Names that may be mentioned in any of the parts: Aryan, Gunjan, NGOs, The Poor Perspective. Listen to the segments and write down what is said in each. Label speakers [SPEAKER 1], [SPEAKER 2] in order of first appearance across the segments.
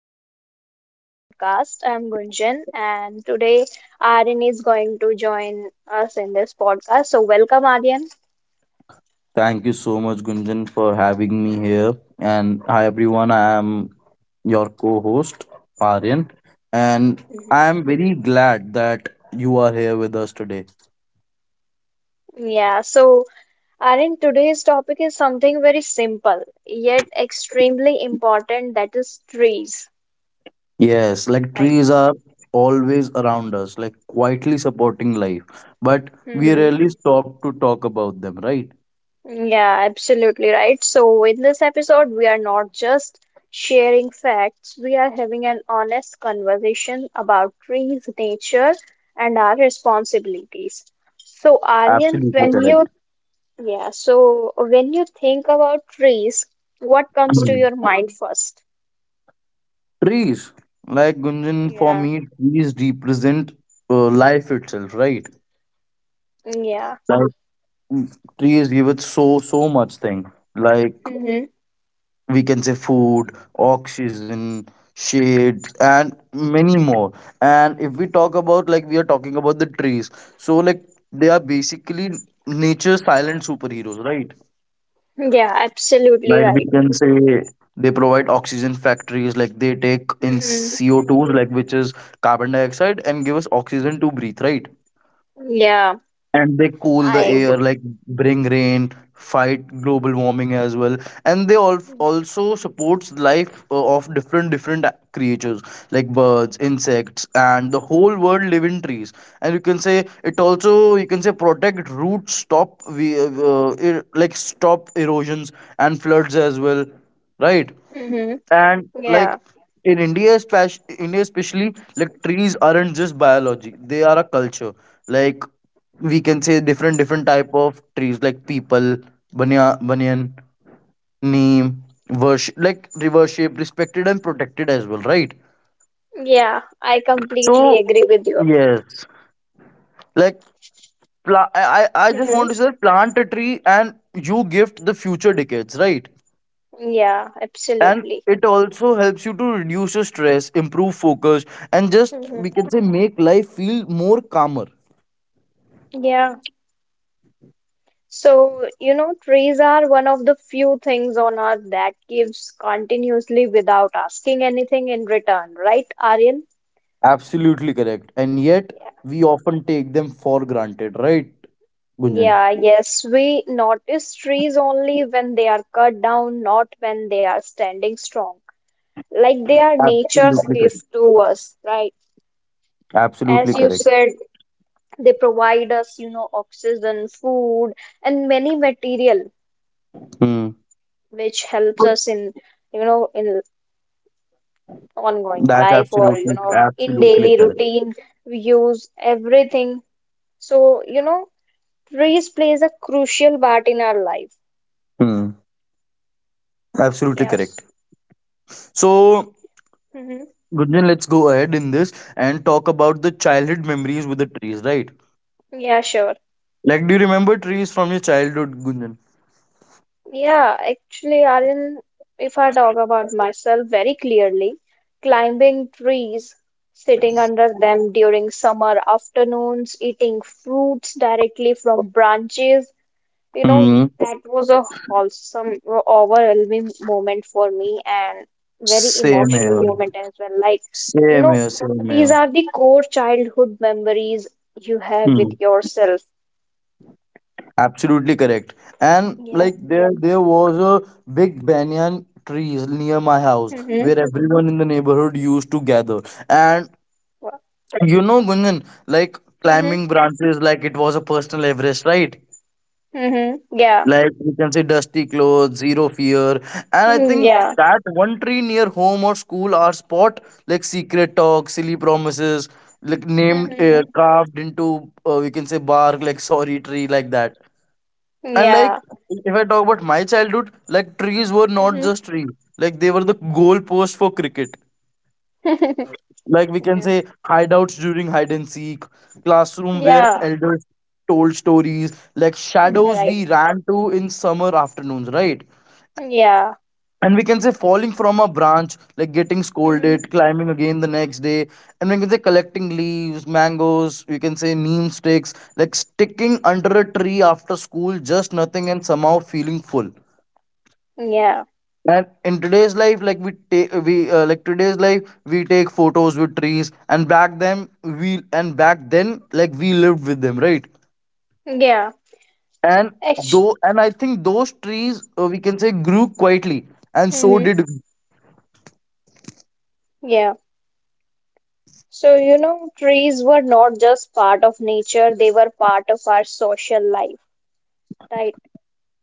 [SPEAKER 1] episode of our podcast. I'm Gunjan, and today Aryan is going to join us in this podcast. So, welcome, Aryan.
[SPEAKER 2] Thank you so much, Gunjan, for having me here. And hi, everyone. I am your co host, Aryan. And I am very glad that you are here with us today.
[SPEAKER 1] Yeah, so Aryan, today's topic is something very simple yet extremely important, that is trees.
[SPEAKER 2] Yes, like
[SPEAKER 1] Right.
[SPEAKER 2] trees are always around us, like quietly supporting life. But we rarely stop to talk about them, right?
[SPEAKER 1] Yeah, absolutely right. So, in this episode, we are not just sharing facts, we are having an honest conversation about trees, nature, and our responsibilities. So, Aryan,
[SPEAKER 2] Absolutely
[SPEAKER 1] when
[SPEAKER 2] correct.
[SPEAKER 1] you yeah, so when you think about trees, what comes to
[SPEAKER 2] Mm.
[SPEAKER 1] your mind first?
[SPEAKER 2] Trees, like Gunjan, for
[SPEAKER 1] Yeah,
[SPEAKER 2] me, trees represent life itself, right?
[SPEAKER 1] yeah,
[SPEAKER 2] Trees give us so much thing, like
[SPEAKER 1] hmm.
[SPEAKER 2] we can say food, oxygen, shade, and many more. And if we talk about, like we are talking about the trees, so like they are basically nature's silent superheroes, right?
[SPEAKER 1] Yeah, absolutely
[SPEAKER 2] Right. We
[SPEAKER 1] right.
[SPEAKER 2] can say they provide oxygen factories, like they take in
[SPEAKER 1] Hmm.
[SPEAKER 2] CO2s, like, which is carbon dioxide, and give us oxygen to breathe, right?
[SPEAKER 1] Yeah,
[SPEAKER 2] And they cool
[SPEAKER 1] I
[SPEAKER 2] the
[SPEAKER 1] agree.
[SPEAKER 2] air, like bring rain, fight global warming as well. And they all also supports life of different creatures, like birds, insects, and the whole world live in trees. And you can say it also, you can say protect roots, stop we like stop erosions and floods as well, right?
[SPEAKER 1] Hmm.
[SPEAKER 2] And like
[SPEAKER 1] Yeah.
[SPEAKER 2] in India especially, like trees aren't just biology, they are a culture. Like we can say different type of trees, like people, banyan, neem, worship like reverse shape, respected and protected as well, right?
[SPEAKER 1] Yeah, I completely
[SPEAKER 2] So
[SPEAKER 1] agree with you.
[SPEAKER 2] yes, like I just want to
[SPEAKER 1] Mm-hmm.
[SPEAKER 2] say plant a tree and you gift the future decades, right?
[SPEAKER 1] Yeah,
[SPEAKER 2] And
[SPEAKER 1] absolutely.
[SPEAKER 2] it also helps you to reduce your stress, improve focus, and just we
[SPEAKER 1] Mhm.
[SPEAKER 2] can say make life feel more calmer.
[SPEAKER 1] Yeah. So, you know, trees are one of the few things on earth that gives continuously without asking anything in return, right, Aryan?
[SPEAKER 2] Absolutely correct, and yet
[SPEAKER 1] Yeah.
[SPEAKER 2] we often take them for granted, right, Gunjan?
[SPEAKER 1] Yeah, yes, we notice trees only when they are cut down, not when they are standing strong. Like, they are nature's
[SPEAKER 2] Absolutely correct.
[SPEAKER 1] gift to us, right? As
[SPEAKER 2] Absolutely
[SPEAKER 1] you
[SPEAKER 2] correct.
[SPEAKER 1] said, they provide us, oxygen, food, and many material,
[SPEAKER 2] Hmm.
[SPEAKER 1] which helps us in, in ongoing
[SPEAKER 2] That's
[SPEAKER 1] life, or
[SPEAKER 2] absolutely
[SPEAKER 1] in
[SPEAKER 2] absolutely
[SPEAKER 1] daily
[SPEAKER 2] correct.
[SPEAKER 1] routine. We use everything. So, trees plays a crucial part in our life.
[SPEAKER 2] Hmm. Absolutely correct.
[SPEAKER 1] Yes.
[SPEAKER 2] So,
[SPEAKER 1] Hmm.
[SPEAKER 2] Gunjan, let's go ahead in this and talk about the childhood memories with the trees, right?
[SPEAKER 1] Yeah, sure.
[SPEAKER 2] Like, do you remember trees from your childhood,
[SPEAKER 1] Yeah, actually, Aryan, if I talk about myself very clearly, climbing trees, sitting under them during summer afternoons, eating fruits directly from branches. You know,
[SPEAKER 2] Gunjan?
[SPEAKER 1] that was a wholesome, overwhelming moment for me, and very
[SPEAKER 2] Same
[SPEAKER 1] emotional
[SPEAKER 2] here.
[SPEAKER 1] moment as well. Like, you
[SPEAKER 2] Same
[SPEAKER 1] know,
[SPEAKER 2] here. Same here.
[SPEAKER 1] these are the core childhood memories you have with
[SPEAKER 2] Hmm.
[SPEAKER 1] yourself.
[SPEAKER 2] Absolutely correct. And
[SPEAKER 1] Yeah.
[SPEAKER 2] like there was a big banyan trees near my house where
[SPEAKER 1] Mm-hmm.
[SPEAKER 2] everyone in the neighborhood used to gather. And you know, Gunjan, like
[SPEAKER 1] Mm-hmm.
[SPEAKER 2] climbing branches, like it was a personal Everest, right?
[SPEAKER 1] Mm-hmm. Yeah.
[SPEAKER 2] Like you can say dusty clothes, zero fear, and I
[SPEAKER 1] Mm,
[SPEAKER 2] think
[SPEAKER 1] yeah.
[SPEAKER 2] that one tree near home or school are spot, like secret talk, silly promises, like named
[SPEAKER 1] Mm-hmm.
[SPEAKER 2] carved into, we can say, bark, like sorry tree like that. And like,
[SPEAKER 1] Yeah.
[SPEAKER 2] if I talk about my childhood, like trees were not
[SPEAKER 1] Mm-hmm.
[SPEAKER 2] just trees, like they were the goal post for cricket, like we can
[SPEAKER 1] Yeah.
[SPEAKER 2] say hideouts during hide and seek, classroom where
[SPEAKER 1] Yeah.
[SPEAKER 2] elders told stories, like shadows
[SPEAKER 1] Right.
[SPEAKER 2] we ran to in summer afternoons, right?
[SPEAKER 1] Yeah.
[SPEAKER 2] And we can say falling from a branch, like getting scolded,
[SPEAKER 1] Mm-hmm.
[SPEAKER 2] climbing again the next day, and we can say collecting leaves, mangoes, we can say neem sticks, like sticking under a tree after school, just nothing and somehow feeling full.
[SPEAKER 1] Yeah.
[SPEAKER 2] And in today's life, like we take we like today's life we take photos with trees, and back then, we and back then, like we lived with them, right?
[SPEAKER 1] Yeah.
[SPEAKER 2] And
[SPEAKER 1] Actually.
[SPEAKER 2] though and I think those trees, we can say, grew quietly, and so
[SPEAKER 1] Mm-hmm.
[SPEAKER 2] did we.
[SPEAKER 1] Yeah. So, trees were not just part of nature, they were part of our social life, right?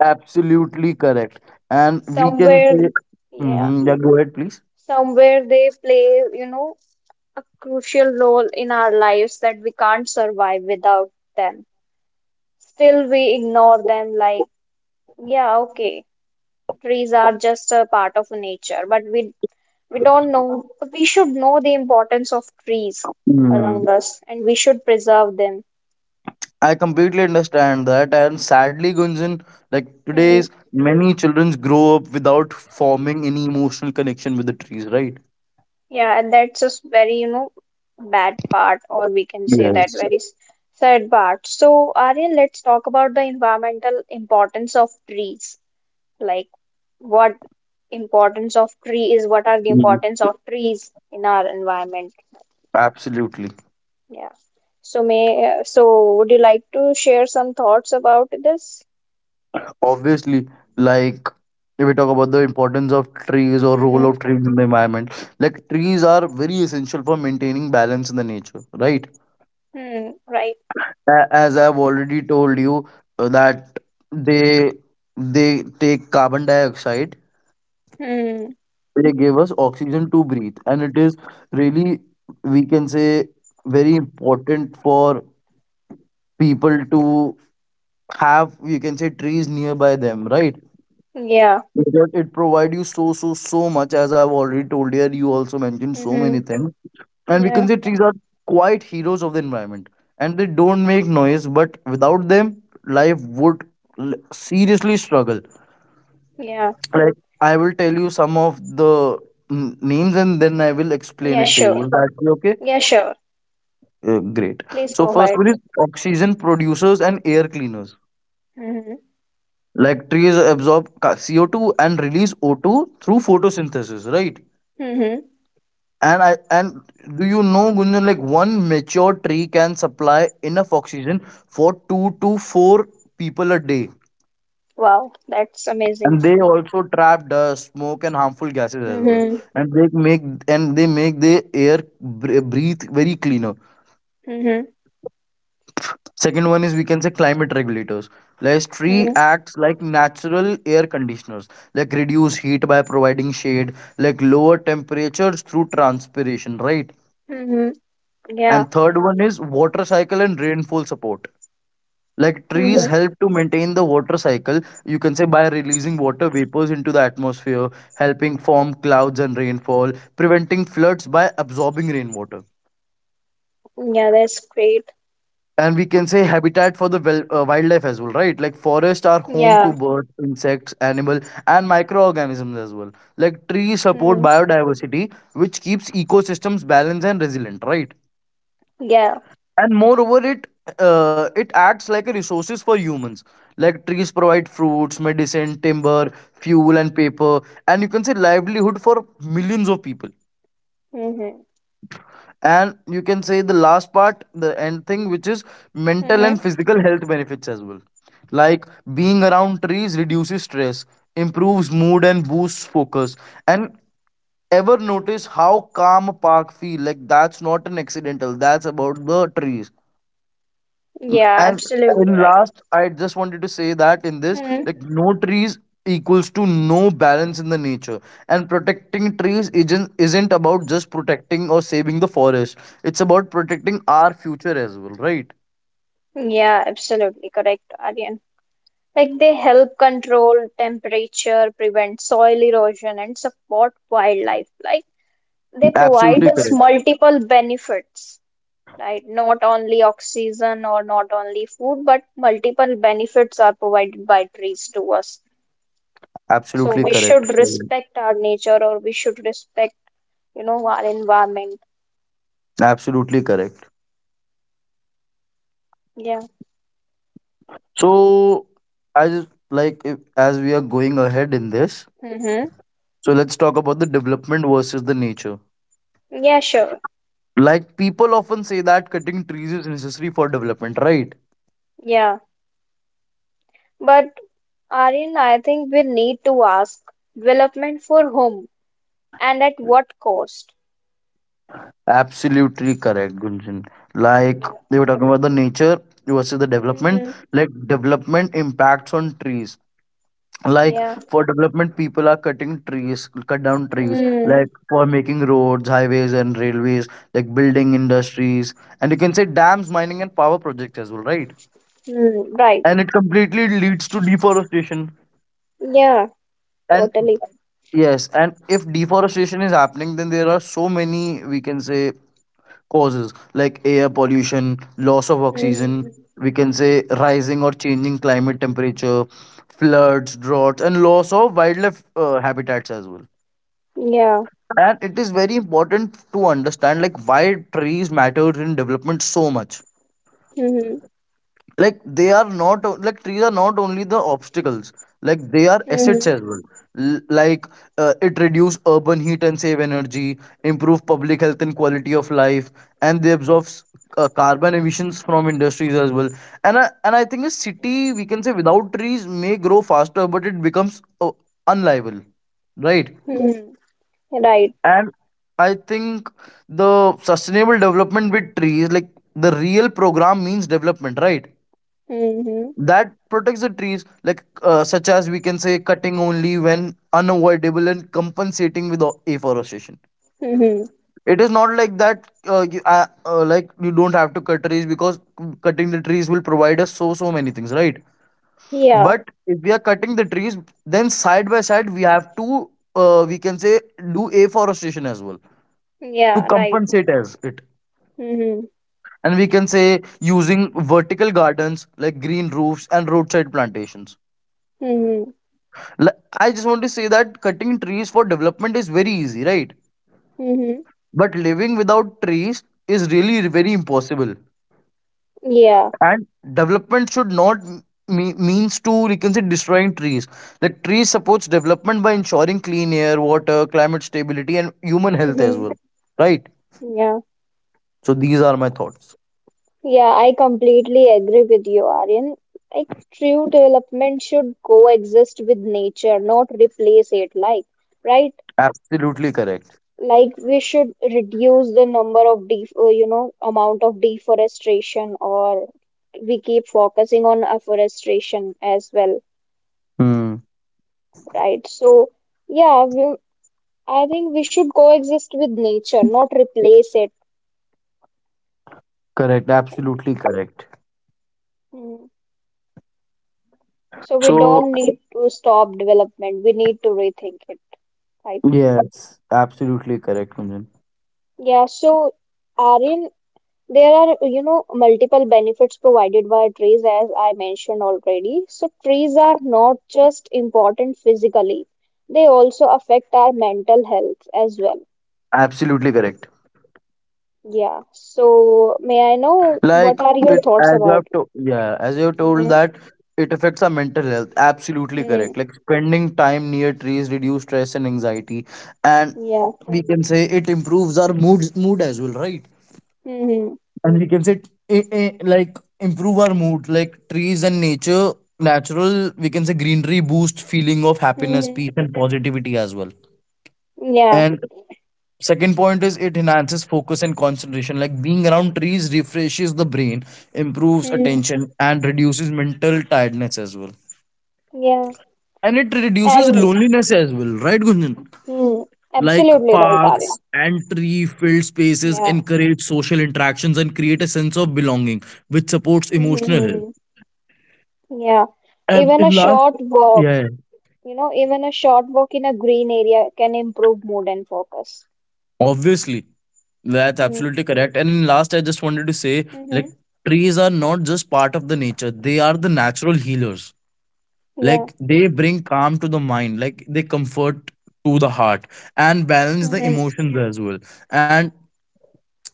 [SPEAKER 2] Absolutely correct. And we can
[SPEAKER 1] Somewhere,
[SPEAKER 2] say,
[SPEAKER 1] yeah,
[SPEAKER 2] mhm, yeah, go ahead, please.
[SPEAKER 1] somewhere they play, a crucial role in our lives that we can't survive without them. Still, we ignore them like, yeah, okay, trees are just a part of nature, but we don't know, we should know the importance of trees around
[SPEAKER 2] Hmm.
[SPEAKER 1] us, and we should preserve them.
[SPEAKER 2] I completely understand that, and sadly, Gunjan, like
[SPEAKER 1] Hmm.
[SPEAKER 2] today's many children grow up without forming any emotional connection with the trees, right?
[SPEAKER 1] Yeah, and that's just very, bad part, or we can say that
[SPEAKER 2] Yes.
[SPEAKER 1] very sad part. So, Aryan, let's talk about the environmental importance of trees. Like, what importance of tree is, what are the
[SPEAKER 2] Mhm.
[SPEAKER 1] importance of trees in our environment?
[SPEAKER 2] Absolutely.
[SPEAKER 1] Yeah. So, so would you like to share some thoughts about this?
[SPEAKER 2] Obviously, like if we talk about the importance of trees or role of
[SPEAKER 1] Mm-hmm.
[SPEAKER 2] trees in the environment, like trees are very essential for maintaining balance in the nature, right?
[SPEAKER 1] Hmm. Right.
[SPEAKER 2] As I've already told you, that they they take carbon dioxide,
[SPEAKER 1] Hmm.
[SPEAKER 2] they give us oxygen to breathe, and it is really, we can say, very important for people to have, you can say, trees nearby them, right?
[SPEAKER 1] Yeah.
[SPEAKER 2] Because it provides you so much, as I've already told you. You also mentioned so many
[SPEAKER 1] Mm-hmm.
[SPEAKER 2] things. And we can
[SPEAKER 1] Yeah.
[SPEAKER 2] say trees are quite heroes of the environment. And they don't make noise, but without them, life would seriously struggle.
[SPEAKER 1] Yeah.
[SPEAKER 2] Like, I will tell you some of the names and then I will explain
[SPEAKER 1] Yeah,
[SPEAKER 2] it to you.
[SPEAKER 1] sure.
[SPEAKER 2] Will that be okay?
[SPEAKER 1] Yeah, sure.
[SPEAKER 2] Great.
[SPEAKER 1] Please
[SPEAKER 2] So,
[SPEAKER 1] go
[SPEAKER 2] first
[SPEAKER 1] ahead.
[SPEAKER 2] one is oxygen producers and air cleaners.
[SPEAKER 1] Mm-hmm.
[SPEAKER 2] Like, trees absorb CO2 and release O two through photosynthesis, right?
[SPEAKER 1] Mm-hmm.
[SPEAKER 2] And I and do you know, Gunjan, like one mature tree can supply enough oxygen for two to four people a day.
[SPEAKER 1] Wow, that's
[SPEAKER 2] And
[SPEAKER 1] amazing.
[SPEAKER 2] they also trap dust, smoke, and harmful gases as well.
[SPEAKER 1] Mm-hmm.
[SPEAKER 2] And they make and they make the air breathe very cleaner.
[SPEAKER 1] Mm-hmm.
[SPEAKER 2] Second one is, we can say, climate regulators. Like tree
[SPEAKER 1] Mm-hmm.
[SPEAKER 2] acts like natural air conditioners, like reduce heat by providing shade, like lower temperatures through transpiration, right?
[SPEAKER 1] Mm-hmm. Yeah.
[SPEAKER 2] And third one is water cycle and rainfall support. Like
[SPEAKER 1] Mm-hmm.
[SPEAKER 2] trees help to maintain the water cycle, you can say, by releasing water vapors into the atmosphere, helping form clouds and rainfall, preventing floods by absorbing rainwater.
[SPEAKER 1] Yeah, that's great.
[SPEAKER 2] And we can say habitat for the wildlife as well, right? Like forests are home to
[SPEAKER 1] Yeah.
[SPEAKER 2] birds, insects, animal, and microorganisms as well. Like trees support
[SPEAKER 1] Mm-hmm.
[SPEAKER 2] biodiversity, which keeps ecosystems balanced and resilient, right?
[SPEAKER 1] Yeah.
[SPEAKER 2] And moreover, it it acts like a resources for humans, like trees provide fruits, medicine, timber, fuel, and paper, and you can say livelihood for millions of people.
[SPEAKER 1] Mm-hmm.
[SPEAKER 2] And you can say the last part, the end thing, which is mental and
[SPEAKER 1] Mm-hmm.
[SPEAKER 2] physical health benefits as well, like being around trees reduces stress, improves mood, and boosts focus. And ever notice how calm a park feel? Like, that's not an accidental, that's about the trees.
[SPEAKER 1] Yeah,
[SPEAKER 2] And
[SPEAKER 1] absolutely
[SPEAKER 2] in
[SPEAKER 1] right.
[SPEAKER 2] last, I just wanted to say that in this,
[SPEAKER 1] Mm-hmm.
[SPEAKER 2] like no trees equals to no balance in the nature. And protecting trees isn't about just protecting or saving the forest. It's about protecting our future as well, right?
[SPEAKER 1] Yeah, absolutely correct, Aryan. Like, they help control temperature, prevent soil erosion, and support wildlife. Like, they provide
[SPEAKER 2] Absolutely
[SPEAKER 1] us
[SPEAKER 2] correct.
[SPEAKER 1] multiple benefits. Right? Not only oxygen or not only food, but multiple benefits are provided by trees to us. So
[SPEAKER 2] Absolutely
[SPEAKER 1] we
[SPEAKER 2] correct.
[SPEAKER 1] should respect our nature, or we should respect, our environment.
[SPEAKER 2] Absolutely correct.
[SPEAKER 1] Yeah.
[SPEAKER 2] So as like if, as we are going ahead in this,
[SPEAKER 1] Mm-hmm.
[SPEAKER 2] so let's talk about the development versus the nature.
[SPEAKER 1] Yeah, sure.
[SPEAKER 2] Like people often say that cutting trees is necessary for development, right?
[SPEAKER 1] Yeah. But Aryan, I think we need to ask, development for whom and at what cost?
[SPEAKER 2] Absolutely correct, Gunjan. Like
[SPEAKER 1] Yeah.
[SPEAKER 2] we were talking about the nature versus the development,
[SPEAKER 1] Mm-hmm.
[SPEAKER 2] like development impacts on trees. Like
[SPEAKER 1] Yeah.
[SPEAKER 2] for development, people are cutting trees, cut down trees,
[SPEAKER 1] Mm-hmm.
[SPEAKER 2] like for making roads, highways, and railways, like building industries, and you can say dams, mining, and power projects as well, right?
[SPEAKER 1] Right.
[SPEAKER 2] And it completely leads to deforestation.
[SPEAKER 1] Yeah,
[SPEAKER 2] And
[SPEAKER 1] totally.
[SPEAKER 2] yes, and if deforestation is happening, then there are so many, we can say, causes, like air pollution, loss of oxygen,
[SPEAKER 1] Mm-hmm.
[SPEAKER 2] we can say rising or changing climate temperature, floods, droughts, and loss of wildlife habitats as well.
[SPEAKER 1] Yeah.
[SPEAKER 2] And it is very important to understand like why trees matter in development so much.
[SPEAKER 1] Mm-hmm.
[SPEAKER 2] Like they are not o- like trees are not only the obstacles, like they are assets
[SPEAKER 1] Mm-hmm.
[SPEAKER 2] as well. L- like it reduce urban heat and save energy, improve public health and quality of life, and they absorb carbon emissions from industries as well. And and I think a city, we can say, without trees may grow faster but it becomes unliable, right?
[SPEAKER 1] Mm-hmm. Right.
[SPEAKER 2] And I think the sustainable development with trees, like the real program means development, right?
[SPEAKER 1] Mm-hmm.
[SPEAKER 2] That protects the trees, like such as we can say cutting only when unavoidable and compensating with afforestation.
[SPEAKER 1] Mm-hmm.
[SPEAKER 2] It is not like that, like you don't have to cut trees, because cutting the trees will provide us so many things, right?
[SPEAKER 1] Yeah.
[SPEAKER 2] But if we are cutting the trees, then side by side we have to, we can say, do afforestation as well to
[SPEAKER 1] Yeah, right.
[SPEAKER 2] compensate as it.
[SPEAKER 1] Mm-hmm.
[SPEAKER 2] And we can say using vertical gardens, like green roofs and roadside plantations.
[SPEAKER 1] Mm-hmm.
[SPEAKER 2] L- I just want to say that cutting trees for development is very easy, right?
[SPEAKER 1] Mm-hmm.
[SPEAKER 2] But living without trees is really very impossible.
[SPEAKER 1] Yeah.
[SPEAKER 2] And development should not means to, you can say, destroying trees. Like trees supports development by ensuring clean air, water, climate stability, and human health as
[SPEAKER 1] Mm-hmm.
[SPEAKER 2] well, right?
[SPEAKER 1] Yeah.
[SPEAKER 2] So these are my thoughts.
[SPEAKER 1] Yeah, I completely agree with you, Aryan. Like, true development should coexist with nature, not replace it. Like, right?
[SPEAKER 2] Absolutely correct.
[SPEAKER 1] Like, we should reduce the number of def amount of deforestation, or we keep focusing on afforestation as well,
[SPEAKER 2] Hmm.
[SPEAKER 1] right? So, yeah, I think we should coexist with nature, not replace it.
[SPEAKER 2] Correct. Absolutely correct.
[SPEAKER 1] Mm. So we
[SPEAKER 2] So
[SPEAKER 1] don't need to stop development. We need to rethink it, right?
[SPEAKER 2] yes, absolutely correct, Kunjan.
[SPEAKER 1] Yeah, so Aryan, there are, multiple benefits provided by trees, as I mentioned already. So trees are not just important physically, they also affect our mental health as well.
[SPEAKER 2] Absolutely correct.
[SPEAKER 1] Yeah, so may I know
[SPEAKER 2] Like
[SPEAKER 1] what are your
[SPEAKER 2] it,
[SPEAKER 1] thoughts
[SPEAKER 2] as you have
[SPEAKER 1] about it?
[SPEAKER 2] to, yeah, as you have told
[SPEAKER 1] Mm-hmm.
[SPEAKER 2] that it affects our mental health. Absolutely correct.
[SPEAKER 1] Mm-hmm.
[SPEAKER 2] Like spending time near trees reduce stress and anxiety, and
[SPEAKER 1] Yeah.
[SPEAKER 2] we can say it improves our mood as well, right?
[SPEAKER 1] Mm-hmm.
[SPEAKER 2] And we can say, like improve our mood. Like trees and nature, natural we can say greenery, boost feeling of happiness,
[SPEAKER 1] Mm-hmm.
[SPEAKER 2] peace, and positivity as well.
[SPEAKER 1] Yeah.
[SPEAKER 2] And second point is it enhances focus and concentration. Like being around trees refreshes the brain, improves
[SPEAKER 1] Mm-hmm.
[SPEAKER 2] attention, and reduces mental tiredness as well.
[SPEAKER 1] Yeah,
[SPEAKER 2] And it reduces
[SPEAKER 1] and
[SPEAKER 2] loneliness as well, right, Gunjan?
[SPEAKER 1] mm,
[SPEAKER 2] Like
[SPEAKER 1] absolutely right, Arya.
[SPEAKER 2] parks and tree filled spaces
[SPEAKER 1] Yeah,
[SPEAKER 2] encourage social interactions and create a sense of belonging, which supports emotional health.
[SPEAKER 1] Mhm, yeah.
[SPEAKER 2] And
[SPEAKER 1] Even a
[SPEAKER 2] in last,
[SPEAKER 1] short walk,
[SPEAKER 2] yeah, yeah,
[SPEAKER 1] even a short walk in a green area can improve mood and focus.
[SPEAKER 2] obviously, that's
[SPEAKER 1] Mm-hmm.
[SPEAKER 2] absolutely correct. And in last, I just wanted to say
[SPEAKER 1] Mm-hmm.
[SPEAKER 2] like trees are not just part of the nature, they are the natural healers,
[SPEAKER 1] Yeah.
[SPEAKER 2] like they bring calm to the mind, like they comfort to the heart and balance the
[SPEAKER 1] Mm-hmm.
[SPEAKER 2] emotions as well. And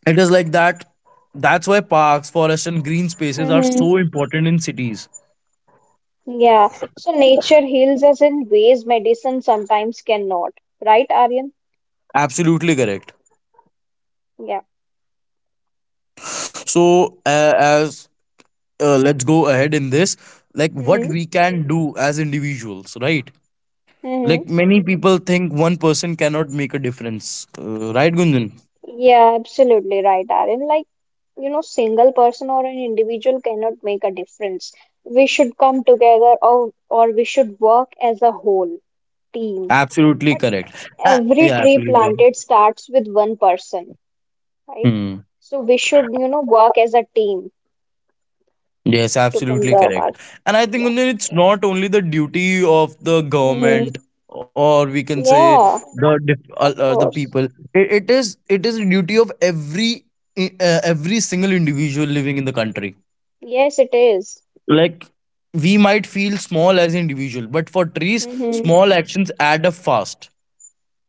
[SPEAKER 2] it is like that, that's why parks, forests, and green spaces are
[SPEAKER 1] Mm-hmm.
[SPEAKER 2] so important in cities.
[SPEAKER 1] Yeah. So nature heals us in ways medicine sometimes cannot, right, Aryan?
[SPEAKER 2] Absolutely correct.
[SPEAKER 1] Yeah.
[SPEAKER 2] So as let's go ahead in this, like what
[SPEAKER 1] Mm-hmm.
[SPEAKER 2] we can do as individuals, right?
[SPEAKER 1] Mm-hmm.
[SPEAKER 2] Like many people think one person cannot make a difference, right, Gunjan?
[SPEAKER 1] Yeah, absolutely right, Aaron. Like, single person or an individual cannot make a difference. We should come together, or we should work as a whole team.
[SPEAKER 2] Absolutely
[SPEAKER 1] But
[SPEAKER 2] correct.
[SPEAKER 1] every
[SPEAKER 2] Yeah,
[SPEAKER 1] tree
[SPEAKER 2] please
[SPEAKER 1] planted starts with one person, right?
[SPEAKER 2] go.
[SPEAKER 1] So we should, work as a team
[SPEAKER 2] Yes,
[SPEAKER 1] to
[SPEAKER 2] absolutely
[SPEAKER 1] conserve our,
[SPEAKER 2] correct. And I think
[SPEAKER 1] yeah.
[SPEAKER 2] Gunjan, it's not only the duty of the
[SPEAKER 1] Mm-hmm.
[SPEAKER 2] government, or we can say,
[SPEAKER 1] Yeah, of
[SPEAKER 2] the
[SPEAKER 1] course.
[SPEAKER 2] people. It is the duty of every every single individual living in the country.
[SPEAKER 1] Yes, it is.
[SPEAKER 2] Like we might feel small as individual, but for trees,
[SPEAKER 1] Mm-hmm.
[SPEAKER 2] small actions add up fast.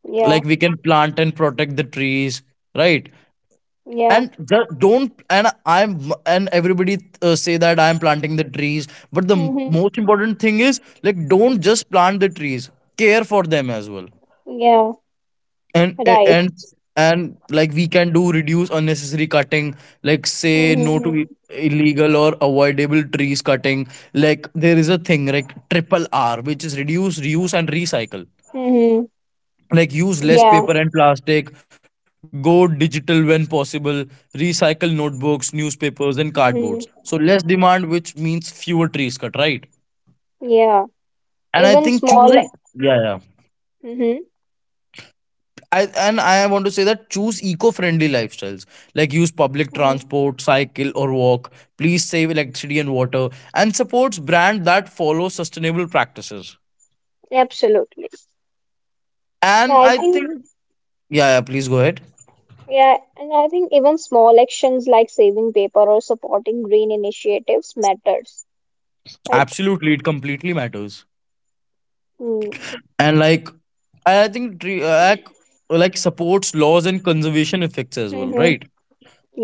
[SPEAKER 1] Yeah,
[SPEAKER 2] Like we can plant and protect the trees, right?
[SPEAKER 1] yeah.
[SPEAKER 2] and ju- don't and I'm and everybody say that I'm planting the trees, but
[SPEAKER 1] Mm-hmm.
[SPEAKER 2] most important thing is like, don't just plant the trees, care for them as well.
[SPEAKER 1] Yeah,
[SPEAKER 2] and a-
[SPEAKER 1] right.
[SPEAKER 2] and and like we can do reduce unnecessary cutting, like say no to
[SPEAKER 1] Mm-hmm.
[SPEAKER 2] illegal or avoidable trees cutting. Like there is a thing like triple R, which is reduce, reuse, and recycle.
[SPEAKER 1] Mm-hmm.
[SPEAKER 2] Like use less
[SPEAKER 1] Yeah.
[SPEAKER 2] paper and plastic, go digital when possible, recycle notebooks, newspapers, and cardboards, so less
[SPEAKER 1] Mm-hmm.
[SPEAKER 2] demand, which means fewer trees cut, right?
[SPEAKER 1] Yeah,
[SPEAKER 2] And I
[SPEAKER 1] even
[SPEAKER 2] think choose a,
[SPEAKER 1] small.
[SPEAKER 2] yeah, yeah,
[SPEAKER 1] Mm-hmm.
[SPEAKER 2] I want to say that choose eco-friendly lifestyles, like use public
[SPEAKER 1] Mm,
[SPEAKER 2] transport, cycle or walk, please save electricity and water, and supports brand that follow sustainable practices.
[SPEAKER 1] absolutely. And
[SPEAKER 2] And
[SPEAKER 1] I
[SPEAKER 2] I
[SPEAKER 1] think,
[SPEAKER 2] think, yeah, yeah, please go ahead.
[SPEAKER 1] yeah, and I think even small actions like saving paper or supporting green initiatives matters, right?
[SPEAKER 2] Absolutely, it completely matters.
[SPEAKER 1] Mm.
[SPEAKER 2] And like, I think tree act, like supports laws and conservation effects as well,
[SPEAKER 1] Mm-hmm.
[SPEAKER 2] right?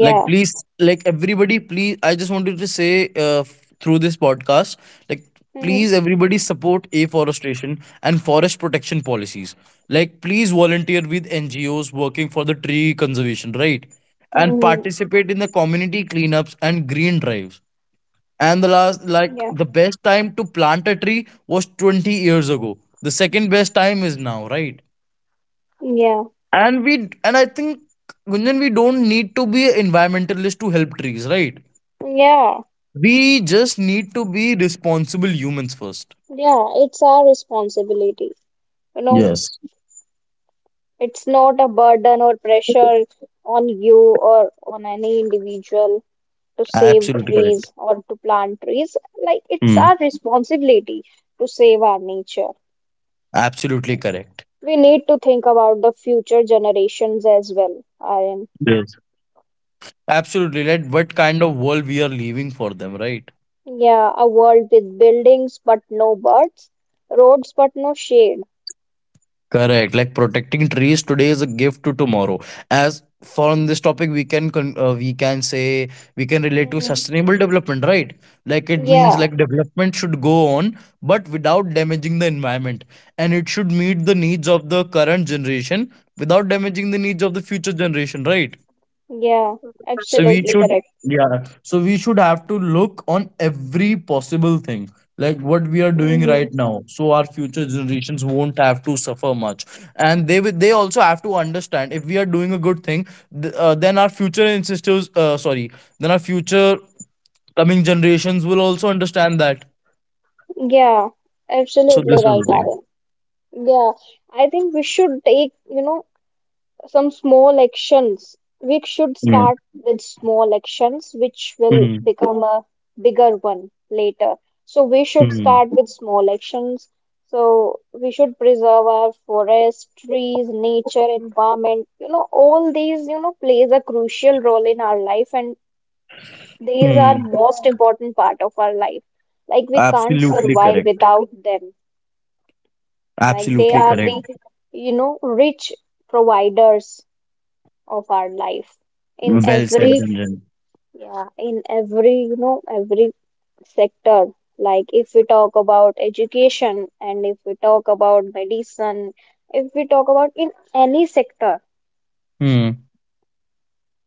[SPEAKER 2] Like please, like everybody, please. I just wanted to say through this podcast, like
[SPEAKER 1] Mm-hmm.
[SPEAKER 2] please everybody support afforestation and forest protection policies. Like please volunteer with NGOs working for the tree conservation, right? And
[SPEAKER 1] Mm-hmm.
[SPEAKER 2] participate in the community cleanups and green drives. And the last, like
[SPEAKER 1] Yeah.
[SPEAKER 2] the best time to plant a tree was 20 years ago. The second best time is now, right?
[SPEAKER 1] Yeah.
[SPEAKER 2] and we and I think Gunjan, we don't need to be environmentalist to help trees, right?
[SPEAKER 1] Yeah.
[SPEAKER 2] We just need to be responsible humans first.
[SPEAKER 1] Yeah. It's our responsibility. You know,
[SPEAKER 2] Yes,
[SPEAKER 1] it's not a burden or pressure on you or on any individual, to save
[SPEAKER 2] absolutely correct.
[SPEAKER 1] trees or to plant trees. Like, it's
[SPEAKER 2] Mm,
[SPEAKER 1] our responsibility to save our nature.
[SPEAKER 2] absolutely correct.
[SPEAKER 1] We need to think about the future generations as well, Aryan.
[SPEAKER 2] Yes, absolutely right, what kind of world we are leaving for them, right?
[SPEAKER 1] Yeah, a world with buildings but no birds, roads but no shade.
[SPEAKER 2] Correct. Like protecting trees today is a gift to tomorrow. As for on this topic, we can we can say we can relate to
[SPEAKER 1] Hmm.
[SPEAKER 2] sustainable development, right? Like it means
[SPEAKER 1] Yeah,
[SPEAKER 2] like development should go on, but without damaging the environment, and it should meet the needs of the current generation without damaging the needs of the future generation, right?
[SPEAKER 1] yeah,
[SPEAKER 2] So we
[SPEAKER 1] absolutely
[SPEAKER 2] should,
[SPEAKER 1] correct.
[SPEAKER 2] yeah. So we should have to look on every possible thing, like what we are doing
[SPEAKER 1] Hmm.
[SPEAKER 2] right now, so our future generations won't have to suffer much, and they also have to understand if we are doing a good thing, then our future ancestors, sorry, then our future coming generations will also understand that.
[SPEAKER 1] Yeah,
[SPEAKER 2] So
[SPEAKER 1] absolutely
[SPEAKER 2] this is
[SPEAKER 1] right,
[SPEAKER 2] the thing.
[SPEAKER 1] Aryan. Yeah, I think we should take, some small actions. We should
[SPEAKER 2] Yeah.
[SPEAKER 1] start with small actions, which will
[SPEAKER 2] Hmm.
[SPEAKER 1] become a bigger one later. So we should
[SPEAKER 2] Hmm.
[SPEAKER 1] start with small actions. So we should preserve our forests, trees, nature, environment. You know, all these plays a crucial role in our life, and these are
[SPEAKER 2] Hmm.
[SPEAKER 1] most important part of our life. Like, we can't
[SPEAKER 2] Absolutely
[SPEAKER 1] survive
[SPEAKER 2] correct.
[SPEAKER 1] without them. Like, they
[SPEAKER 2] Absolutely
[SPEAKER 1] are
[SPEAKER 2] correct.
[SPEAKER 1] the, rich providers of our life, in
[SPEAKER 2] Well said,
[SPEAKER 1] every. Yes.
[SPEAKER 2] Gunjan.
[SPEAKER 1] Yeah, in every, every sector. Like, if we talk about education, and if we talk about medicine, if we talk about in any sector,
[SPEAKER 2] Hmm.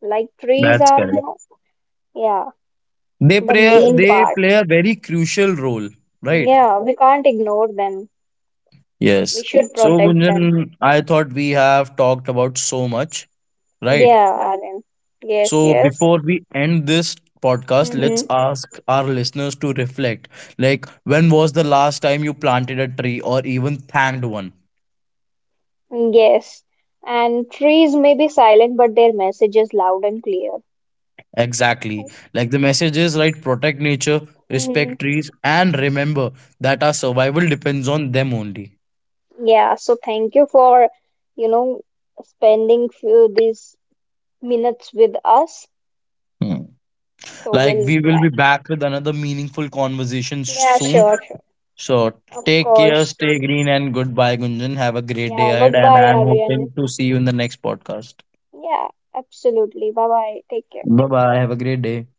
[SPEAKER 1] like trees
[SPEAKER 2] That's
[SPEAKER 1] are, you
[SPEAKER 2] correct.
[SPEAKER 1] know. Yeah.
[SPEAKER 2] They
[SPEAKER 1] The
[SPEAKER 2] play
[SPEAKER 1] main
[SPEAKER 2] they
[SPEAKER 1] part.
[SPEAKER 2] play a very crucial role, right?
[SPEAKER 1] Yeah, we can't ignore them. We
[SPEAKER 2] Yes.
[SPEAKER 1] should
[SPEAKER 2] So
[SPEAKER 1] protect them.
[SPEAKER 2] Gunjan, I thought we have talked about so much, right?
[SPEAKER 1] Yeah, Aryan. Yes,
[SPEAKER 2] So
[SPEAKER 1] yes.
[SPEAKER 2] before we end this podcast, let's
[SPEAKER 1] Mm-hmm.
[SPEAKER 2] ask our listeners to reflect. Like, when was the last time you planted a tree or even thanked one?
[SPEAKER 1] Yes. And trees may be silent, but their message is loud and clear.
[SPEAKER 2] Exactly. Like the message is right, protect nature,
[SPEAKER 1] Right?
[SPEAKER 2] respect trees, and remember that our survival depends on them only.
[SPEAKER 1] Yeah, so thank you for, you know, spending few these minutes with us.
[SPEAKER 2] Hmm.
[SPEAKER 1] So
[SPEAKER 2] Like,
[SPEAKER 1] we'll
[SPEAKER 2] we will be
[SPEAKER 1] like,
[SPEAKER 2] back with another meaningful conversation
[SPEAKER 1] yeah,
[SPEAKER 2] soon.
[SPEAKER 1] sure, sure.
[SPEAKER 2] So,
[SPEAKER 1] Of
[SPEAKER 2] take care,
[SPEAKER 1] course.
[SPEAKER 2] stay green, and goodbye, Gunjan. Have a great day
[SPEAKER 1] Yeah,
[SPEAKER 2] ahead, and
[SPEAKER 1] goodbye,
[SPEAKER 2] I'm
[SPEAKER 1] Aryan.
[SPEAKER 2] hoping to see you in the next podcast.
[SPEAKER 1] Yeah, absolutely. Bye bye. Take care.
[SPEAKER 2] Bye bye. Have a great day.